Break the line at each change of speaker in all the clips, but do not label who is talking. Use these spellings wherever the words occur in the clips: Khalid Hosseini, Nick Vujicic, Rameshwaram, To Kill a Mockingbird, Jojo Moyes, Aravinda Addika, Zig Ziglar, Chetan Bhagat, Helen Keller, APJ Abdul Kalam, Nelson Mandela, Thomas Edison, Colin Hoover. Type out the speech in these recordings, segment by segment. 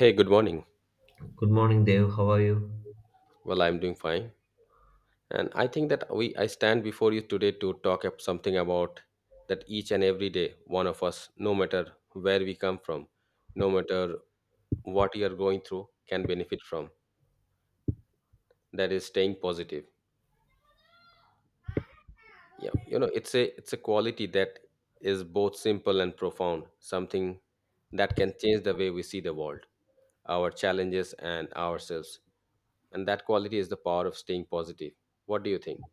Hey, good morning.
Good morning, Dev. How are you?
Well, I'm doing fine. And I think that we I stand before you today to talk up something about that each and every day one of us, no matter where we come from, no matter what you are going through, can benefit from. That is staying positive. It's a quality that is both simple and profound, something that can change the way we see the world, our challenges and ourselves. And that quality is the power of staying positive. What do you think?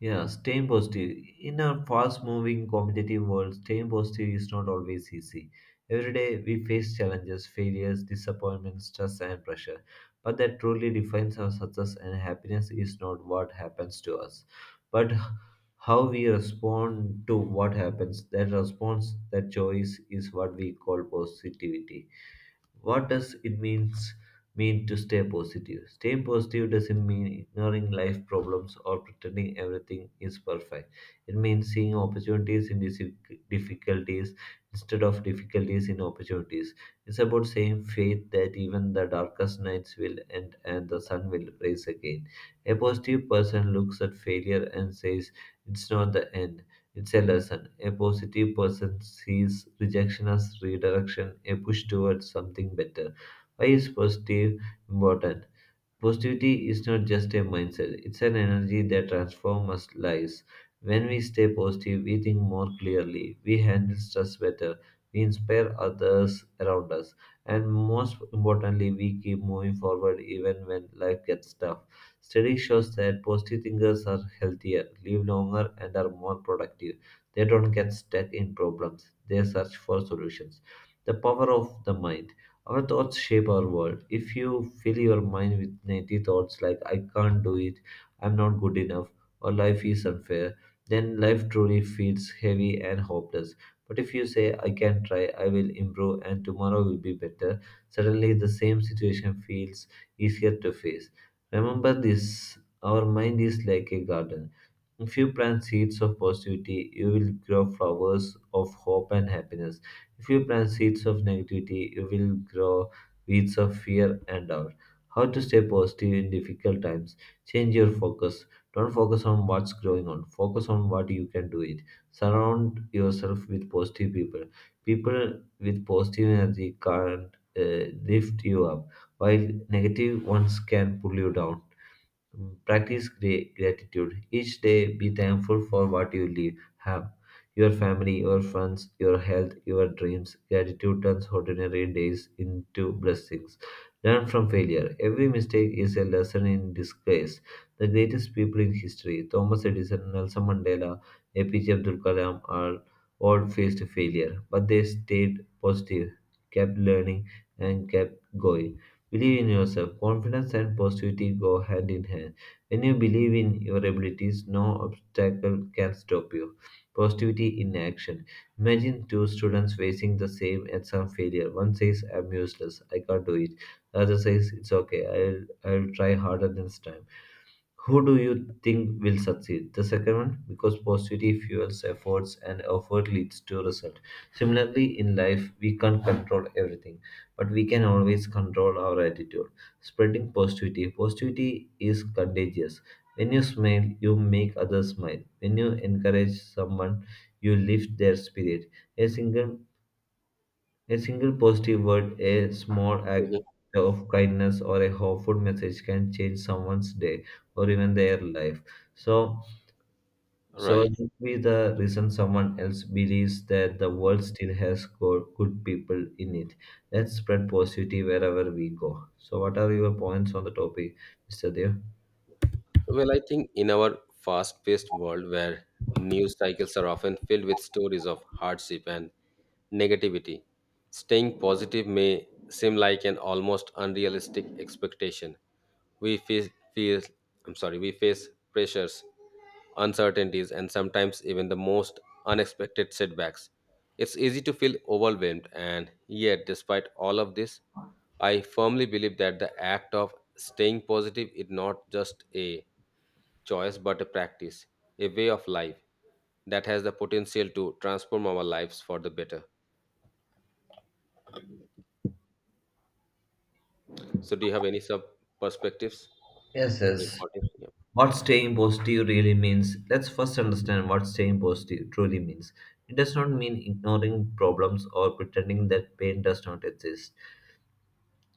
Yeah, staying positive. In a fast moving, competitive world, staying positive is not always easy. Every day we face challenges, failures, disappointments, stress, and pressure. But that truly defines our success and happiness is not what happens to us, but how we respond to what happens. That response, that choice is what we call positivity. What does it mean to stay positive? Staying positive doesn't mean ignoring life problems or pretending everything is perfect. It means seeing opportunities in difficulties instead of difficulties in opportunities. It's about saying faith that even the darkest nights will end and the sun will rise again. A positive person looks at failure and says, "It's not the end. It's a lesson." A positive person sees rejection as redirection, a push towards something better. Why is positive important? Positivity is not just a mindset, it's an energy that transforms our lives. When we stay positive, we think more clearly, we handle stress better, we inspire others around us, and most importantly, we keep moving forward even when life gets tough. Study shows that positive thinkers are healthier, live longer, and are more productive. They don't get stuck in problems, they search for solutions. The power of the mind. Our thoughts shape our world. If you fill your mind with negative thoughts like "I can't do it, I'm not good enough," or "life is unfair," then life truly feels heavy and hopeless. But if you say, "I can try, I will improve, and tomorrow will be better," suddenly the same situation feels easier to face. Remember this: our mind is like a garden. If you plant seeds of positivity, you will grow flowers of hope and happiness. If you plant seeds of negativity, you will grow weeds of fear and doubt. How to stay positive in difficult times? Change your focus. Don't focus on what's going on. Focus on what you can do it. Surround yourself with positive people. People with positive energy can lift you up, while negative ones can pull you down. Practice gratitude. Each day, be thankful for what you live, have your family, your friends, your health, your dreams. Gratitude turns ordinary days into blessings. Learn from failure. Every mistake is a lesson in disguise. The greatest people in history, Thomas Edison, Nelson Mandela, APJ Abdul Kalam, are all faced failure, but they stayed positive, kept learning, and kept going. Believe in yourself. Confidence and positivity go hand in hand. When you believe in your abilities, no obstacle can stop you. Positivity in action. Imagine two students facing the same exam failure. One says, "I'm useless, I can't do it." The other says, "It's okay, I'll try harder next time." Who do you think will succeed? The second one, because positivity fuels efforts and effort leads to result. Similarly, in life, we can't control everything, but we can always control our attitude. Spreading positivity. Positivity is contagious. When you smile, you make others smile. When you encourage someone, you lift their spirit. A single a single positive word, a small act
Mhm.
of kindness, or a hopeful message can change someone's day or even their life. So, so it
Right.
could be the reason someone else believes that the world still has good people in it. Let's spread positivity wherever we go. So, what are your points on the topic, Mr. Dev?
Well, I think in our fast paced world where news cycles are often filled with stories of hardship and negativity, staying positive may seem like an almost unrealistic expectation. We face, feel, I'm sorry, we face pressures, uncertainties, and sometimes even the most unexpected setbacks. It's easy to feel overwhelmed, and yet, despite all of this, I firmly believe that the act of staying positive is not just a choice but a practice, a way of life that has the potential to transform our lives for the better. So, do you have any sub perspectives
Yes,
or
yes.
importance?
What staying positive really means: let's first understand what staying positive truly means. It does not mean ignoring problems or pretending that pain does not exist.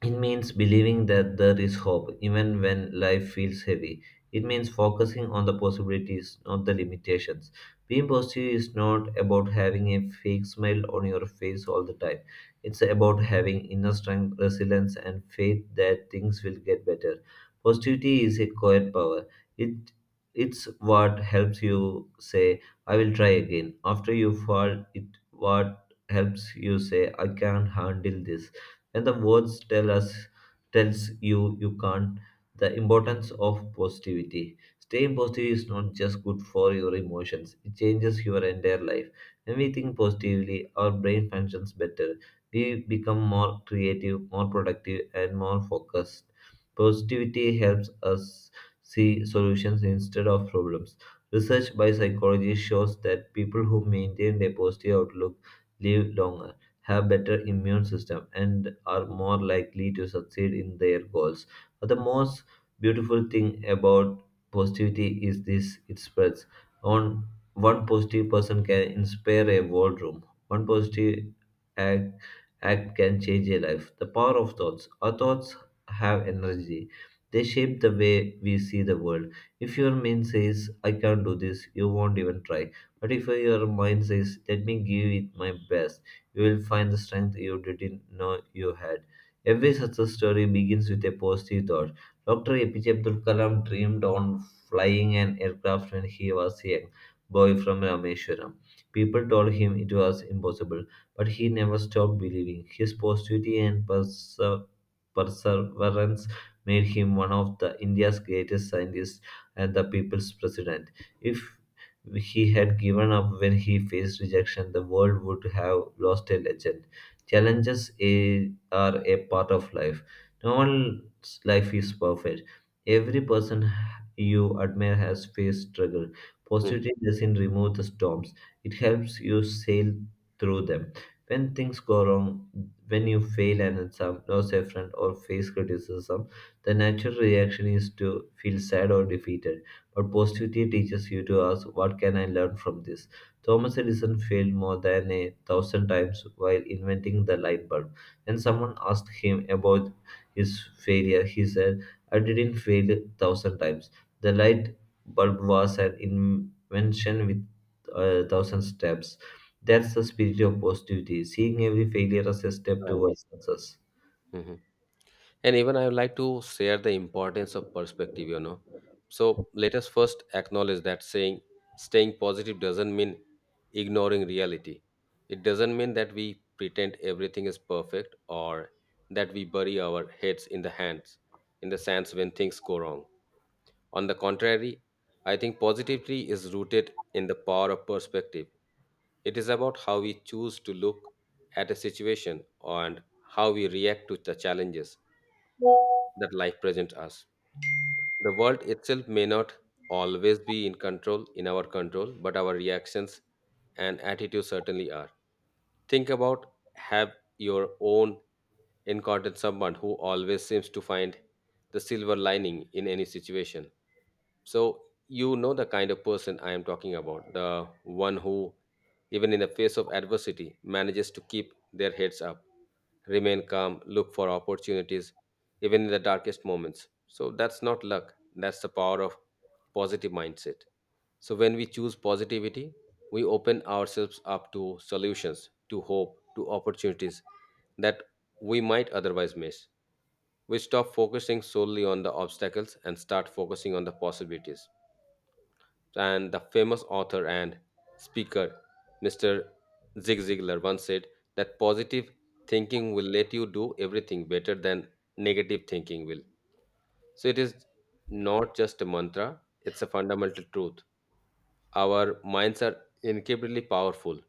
It means believing that there is hope, even when life feels heavy. It means focusing on the possibilities, not the limitations. Being positive is not about having a fake smile on your face all the time. It's about having inner strength, resilience, and faith that things will get better. Positivity is a quiet power. It it's what helps you say, "I will try again." After you fall, it what helps you say, "I can handle this" when the words tells you you can't. The importance of positivity. Staying positive is not just good for your emotions, it changes your entire life. When we think positively, our brain functions better. We become more creative, more productive, and more focused. Positivity helps us see solutions instead of problems. Research by psychology shows that people who maintain a positive outlook live longer, have better immune system, and are more likely to succeed in their goals. But the most beautiful thing about positivity is this: it spreads. On One positive person can inspire a whole room. One positive act, act can change a life. The power of thoughts. Our thoughts have energy. They shape the way we see the world. If your mind says, "I can't do this," you won't even try. But if your mind says, "let me give it my best," you will find the strength you didn't know you had. Every success story begins with a positive thought. Dr. APJ Abdul Kalam dreamed on flying an aircraft when he was a young boy from Rameshwaram. People told him it was impossible, but he never stopped believing. His positivity and perseverance made him one of the India's greatest scientists and the people's president. If he had given up when he faced rejection, the world would have lost a legend. Challenges are a part of life. No one's life is perfect. Every person you admire has faced struggle.
Yeah.
Positivity doesn't remove the storms, it helps you sail through them. When things go wrong, when you fail an exam, lose a friend, or face criticism, the natural reaction is to feel sad or defeated, but positivity teaches you to ask, "What can I learn from this?" Thomas Edison failed more than a thousand times while inventing the light bulb. When someone asked him about his failure, he said, "I didn't fail a thousand times. The light bulb was an invention with a thousand steps." That's the spirit of positivity, seeing every failure as a step
Right.
towards success.
Mhm. And even I would like to share the importance of perspective. So, let us first acknowledge that saying staying positive doesn't mean ignoring reality. It doesn't mean that we pretend everything is perfect or that we bury our heads in the hands in the sands when things go wrong. On the contrary, I think positivity is rooted in the power of perspective. It is about how we choose to look at a situation and how we react to the challenges that life presents us. The world itself may not always be in our control, but our reactions and attitudes certainly are. Think about have your own encountered someone who always seems to find the silver lining in any situation. So you know the kind of person I am talking about, the one who, even in the face of adversity, manages to keep their heads up, remain calm, look for opportunities, even in the darkest moments. So that's not luck, that's the power of positive mindset. So when we choose positivity, we open ourselves up to solutions, to hope, to opportunities that we might otherwise miss. We stop focusing solely on the obstacles and start focusing on the possibilities. And the famous author and speaker, Mr. Zig Ziglar, once said that positive thinking will let you do everything better than negative thinking will. So it is not just a mantra, it's a fundamental truth. Our minds are incredibly powerful,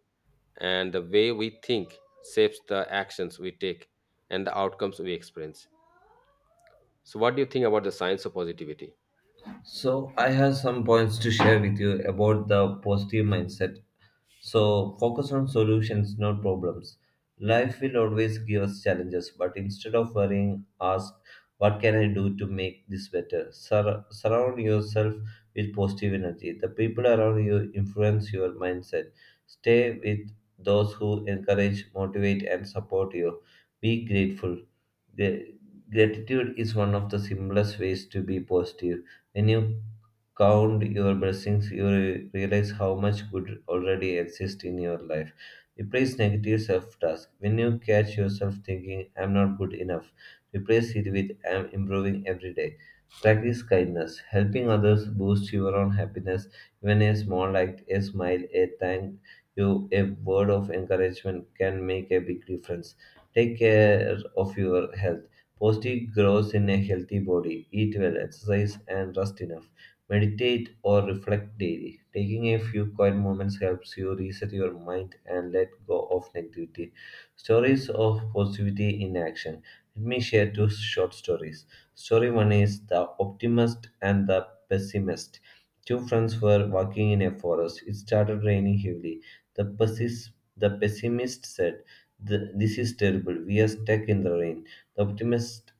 and the way we think shapes the actions we take and the outcomes we experience. So, what do you think about the science of positivity?
So, I have some points to share with you about the positive mindset. So focus on solutions, not problems. Life will always give us challenges, but instead of worrying, ask, "what can I do to make this better?" Surround yourself with positive energy. The people around you influence your mindset. Stay with those who encourage, motivate, and support you. Be grateful. Gra- Gratitude is one of the simplest ways to be positive. When you count your blessings, you realize how much good already exists in your life. Replace negative self task. When you catch yourself thinking, "I'm not good enough," replace it with "I'm improving every day." Practice kindness. Helping others boosts your own happiness. Even a small act, a smile, a thank you, a word of encouragement can make a big difference. Take care of your health. Positive grows in a healthy body. Eat well, exercise, and rest enough. Meditate, or reflect daily. Taking a few quiet moments helps you reset your mind and let go of negativity. Stories of positivity in action. Let me share two short stories. Story one is The Optimist and the Pessimist. Two friends were walking in a forest. It started raining heavily. The, pessis- the pessimist said, This is terrible. We are stuck in the rain." The optimist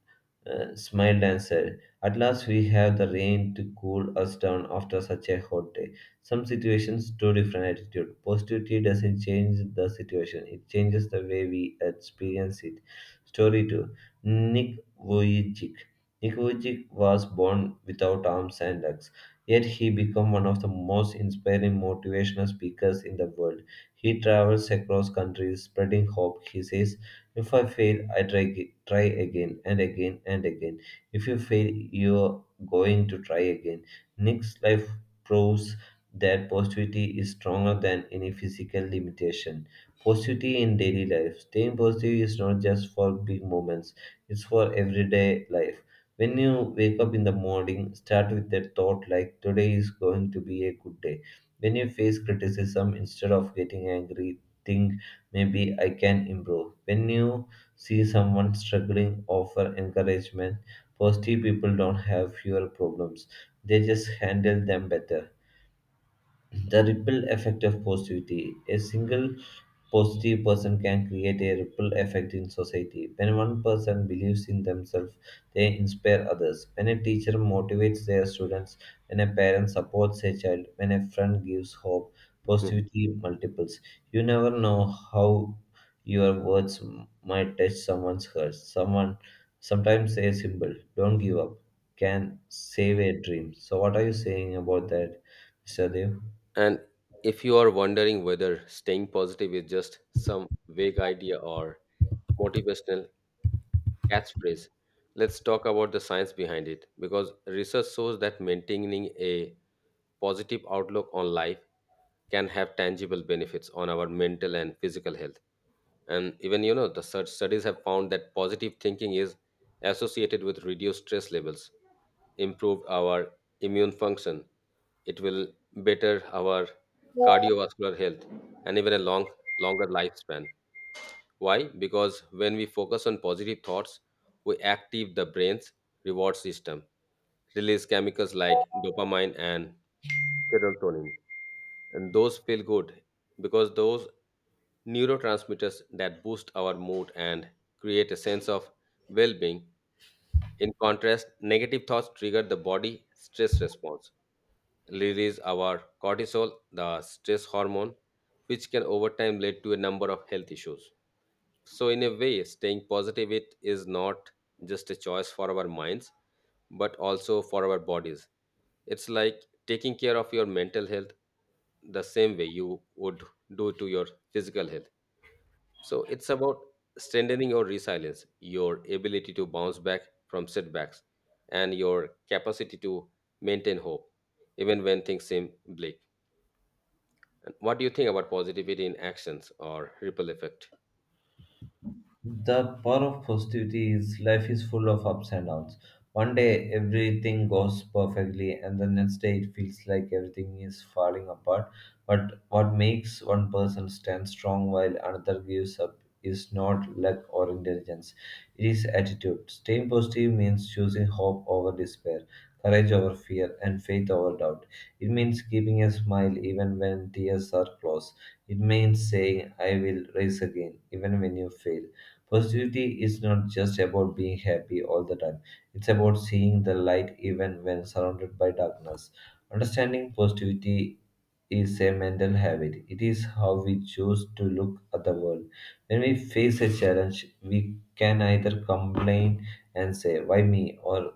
smiled and said, "at last, we have the rain to cool us down after such a hot day." Some situations to different attitude. Positivity doesn't change the situation; it changes the way we experience it. Story two: Nick Vujicic. Nick Vujicic was born without arms and legs, yet he became one of the most inspiring motivational speakers in the world. He travels across countries spreading hope. He says, "If I fail, I try again and again and again. If you fail, you're going to try again." Nick's life proves that positivity is stronger than any physical limitation. Positivity in daily life. Staying positive is not just for big moments, it's for everyday life. When you wake up in the morning, start with the thought like "today is going to be a good day." When you face criticism, instead of getting angry, think "maybe I can improve." When you see someone struggling, offer encouragement. Positive people don't have fewer problems, they just handle them better. The ripple effect of positivity. A single positive person can create a ripple effect in society. When one person believes in themselves, they inspire others. When a teacher motivates their students, when a parent supports a child, when a friend gives hope,
Hmm.
positivity multiples. You never know how your words might touch someone's heart. Someone Sometimes a simple "Don't give up" can save a dream. So, what are you saying about that, Mr. Dev?
And if you are wondering whether staying positive is just some vague idea or motivational catchphrase, let's talk about the science behind it because research shows that maintaining a positive outlook on life can have tangible benefits on our mental and physical health, and even you know the such studies have found that positive thinking is associated with reduced stress levels, improved our immune function. It will better our cardiovascular health and even a longer lifespan. Why? Because when we focus on positive thoughts, we active the brain's reward system, release chemicals like dopamine and serotonin, and those feel good because those neurotransmitters that boost our mood and create a sense of well-being. In contrast, negative thoughts trigger the body stress response, release our cortisol, the stress hormone, which can over time lead to a number of health issues. So, in a way, staying positive, it is not just a choice for our minds, but also for our bodies. It's like taking care of your mental health the same way you would do to your physical health. So, it's about strengthening your resilience, your ability to bounce back from setbacks, and your capacity to maintain hope, even when things seem bleak. And what do you think about positivity in actions or ripple effect?
The power of positivity is life is full of ups and downs. One day everything goes perfectly, and the next day it feels like everything is falling apart. But what makes one person stand strong while another gives up is not luck or intelligence, it is attitude. Staying positive means choosing hope over despair, courage over fear, and faith over doubt. It means keeping a smile even when tears are close. It means saying, I will rise again, even when you fail. Positivity is not just about being happy all the time, it's about seeing the light even when surrounded by darkness. Understanding positivity is a mental habit, it is how we choose to look at the world. When we face a challenge, we can either complain and say, why me? Or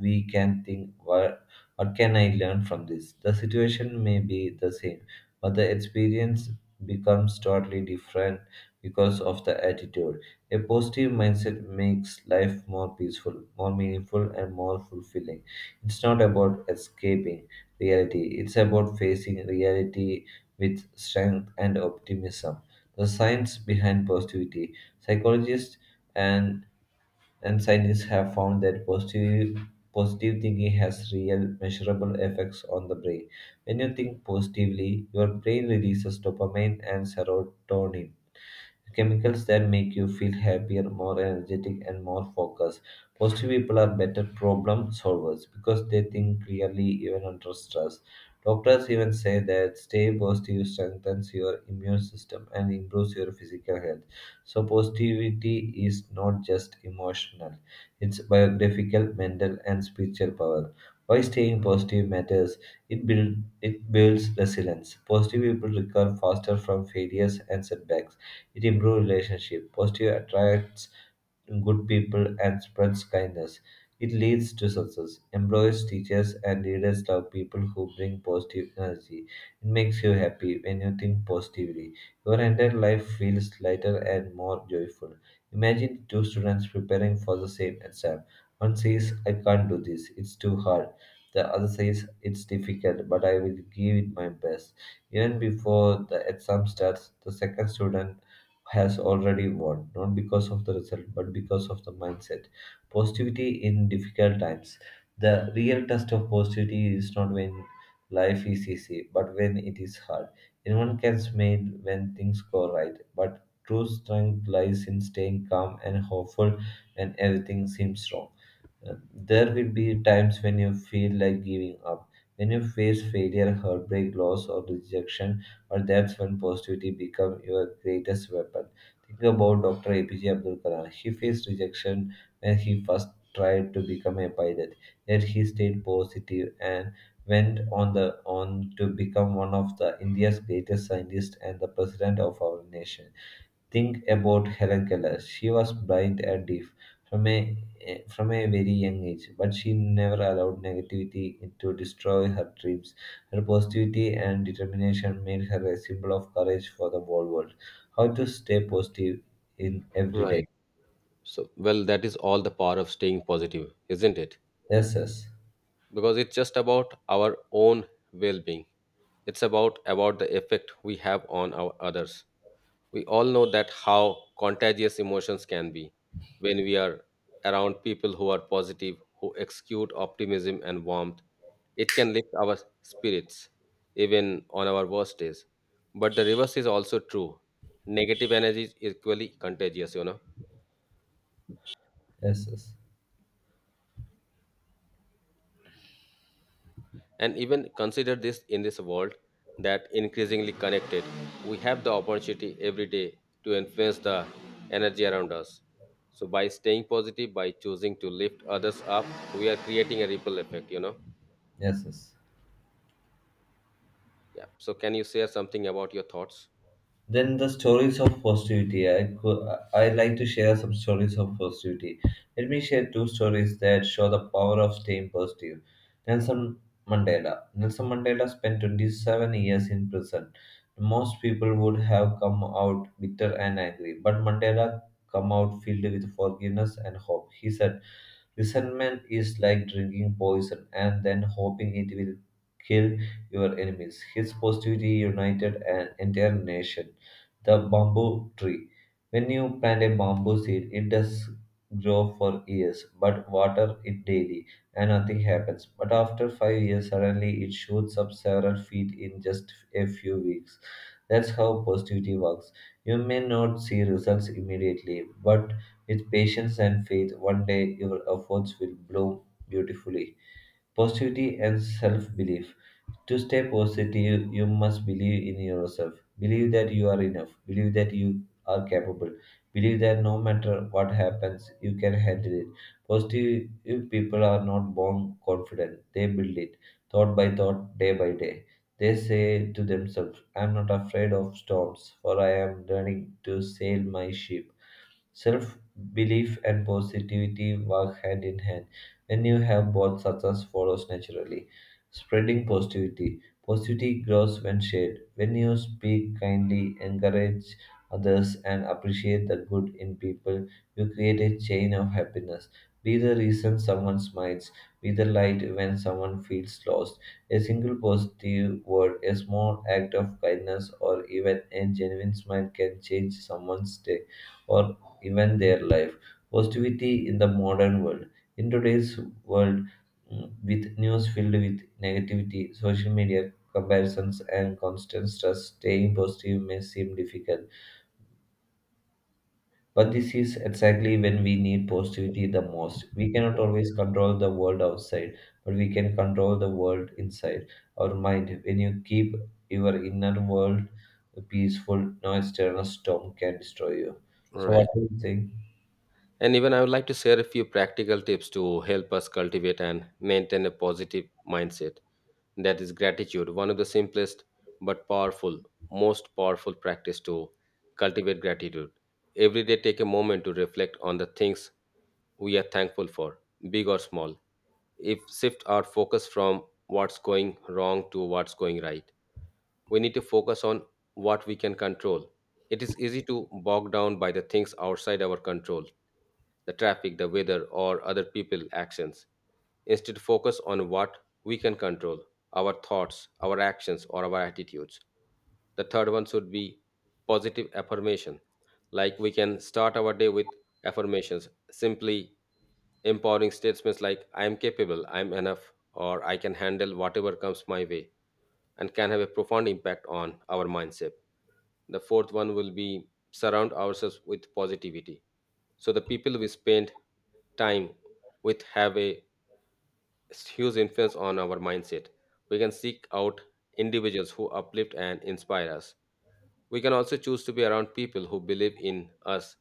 we can think, what can I learn from this? The situation may be the same, but the experience becomes totally different because of the attitude. A positive mindset makes life more peaceful, more meaningful, and more fulfilling. It's not about escaping reality, it's about facing reality with strength and optimism. The science behind positivity psychologists and, and scientists have found that positive thinking has real measurable effects on the brain. When you think positively, your brain releases dopamine and serotonin chemicals that make you feel happier, more energetic, and more focused. Positive people are better problem solvers because they think clearly even under stress. Doctors even say that stay positive strengthens your immune system and improves your physical health. So, positivity is not just emotional, it's biographical, mental, and spiritual power. Why staying positive matters? It, build, it builds resilience. Positive people recover faster from failures and setbacks. It improves relationship, positive attracts good people and spreads kindness. It leads to success. Employers, teachers, and leaders love people who bring positive energy. It makes you happy when you think positively. Your entire life feels lighter and more joyful. Imagine two students preparing for the same exam. One says, I can't do this, it's too hard. The other says, it's difficult, but I will give it my best. Even before the exam starts, the second student has already won, not because of the result, but because of the mindset. Positivity in difficult times. The real test of positivity is not when life is easy, but when it is hard. Anyone can smile when things go right, but true strength lies in staying calm and hopeful when everything seems wrong. There will be times when you feel like giving up, when you face failure, heartbreak, loss, or rejection, but that's when positivity becomes your greatest weapon. Think about Dr. APJ Abdul Kalam. He faced rejection when he first tried to become a pilot, yet he stayed positive and went on to become one of the India's greatest scientists and the president of our nation. Think about Helen Keller. She was blind and deaf from a very young age, but she never allowed negativity to destroy her dreams. Her positivity and determination made her a symbol of courage for the whole world. How to stay positive in every day.
Right. So, well, that is all the power of staying positive, isn't it?
Yes, yes,
Because it's just about our own well-being. It's about the effect we have on our others. We all know that how contagious emotions can be when we are around people who are positive, who exude optimism and warmth. It can lift our spirits even on our worst days. But the reverse is also true. Negative energy is equally contagious, you know.
yes, yes,
And even consider this, in this world that increasingly connected, we have the opportunity every day to influence the energy around us. So by staying positive, by choosing to lift others up, we are creating a ripple effect, you know.
yes, yes.
Yeah. So can you share something about your thoughts?
Then the stories of positivity. I like to share some stories of positivity. Let me share two stories that show the power of staying positive. Nelson Mandela. Nelson Mandela spent 27 years in prison. Most people would have come out bitter and angry, but Mandela come out filled with forgiveness and hope. He said, resentment is like drinking poison and then hoping it will kill your enemies. His positivity united an entire nation. The bamboo tree. When you plant a bamboo seed, it does grow for years, but water it daily and nothing happens. But after 5 years, suddenly it shoots up several feet in just a few weeks. That's how positivity works. You may not see results immediately, but with patience and faith, one day your efforts will bloom beautifully. Positivity and self belief. To stay positive, you must believe in yourself. Believe that you are enough. Believe that you are capable. Believe that no matter what happens, you can handle it. Positive people are not born confident, they build it thought by thought, day by day. They say to themselves, I am not afraid of storms, for I am learning to sail my ship. Self belief and positivity work hand in hand. When you have both, success follows naturally. Spreading positivity. Positivity grows when shared. When you speak kindly, encourage others, and appreciate the good in people, you create a chain of happiness. Be the reason someone smiles. Be the light when someone feels lost. A single positive word, a small act of kindness, or even a genuine smile can change someone's day or even their life. Positivity in the modern world. In today's world, with news filled with negativity, social media comparisons, and constant stress, staying positive may seem difficult. But this is exactly when we need positivity the most. We cannot always control the world outside, but we can control the world inside our mind. When you keep your inner world peaceful, no external storm can destroy you. So, what
Right.
do you think?
And even I would like to share a few practical tips to help us cultivate and maintain a positive mindset. That is gratitude, one of the but powerful, most powerful practice to cultivate gratitude. Every day, take a moment to reflect on the things we are thankful for, big or small. If shift our focus from what's going wrong to what's going right, we need to focus on what we can control. It is easy to bog down by the things outside our control, the traffic, the weather, or other people's actions. Instead, focus on what we can control, our thoughts, our actions, or our attitudes. The third one should be positive affirmation. Like we can start our day with affirmations. Simply empowering statements like, I am capable, I am enough, or I can handle whatever comes my way, and can have a profound impact on our mindset. The fourth one will be surround ourselves with positivity. So the people we spend time with have a it's huge influence on our mindset. We can seek out individuals who uplift and inspire us. We can also choose to be around people who believe in us,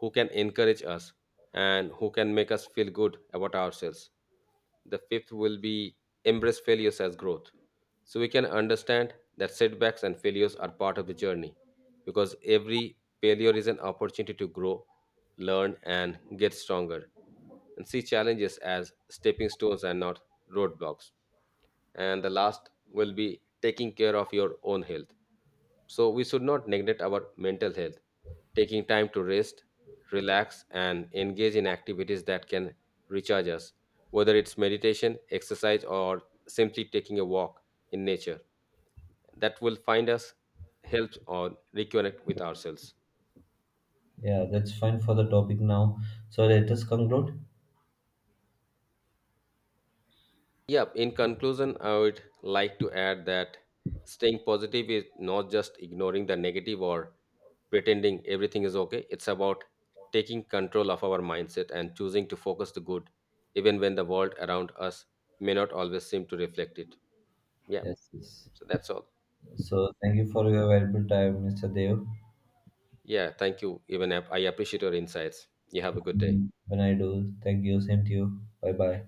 who can encourage us, and who can make us feel good about ourselves. The fifth will be embrace failures as growth. So we can understand that setbacks and failures are part of the journey because every failure is an opportunity to grow, learn, and get stronger and see challenges as stepping stones and not roadblocks. And the last will be taking care of your own health. So we should not neglect our mental health. Taking time to rest, relax, and engage in activities that can recharge us, whether it's meditation, exercise, or simply taking a walk in nature, that will find us help or reconnect with ourselves.
Yeah, that's fine for the topic now. So let us conclude.
Yeah, in conclusion, I would like to add that staying positive is not just ignoring the negative or pretending everything is okay. It's about taking control of our mindset and choosing to focus the good, even when the world around us may not always seem to reflect it. Yeah,
Yes, yes.
so that's all.
So thank you for your valuable time, Mr. Dev.
Yeah, thank you. Even I appreciate your insights. You have a good day.
When I do, thank you. Same to you. Bye bye.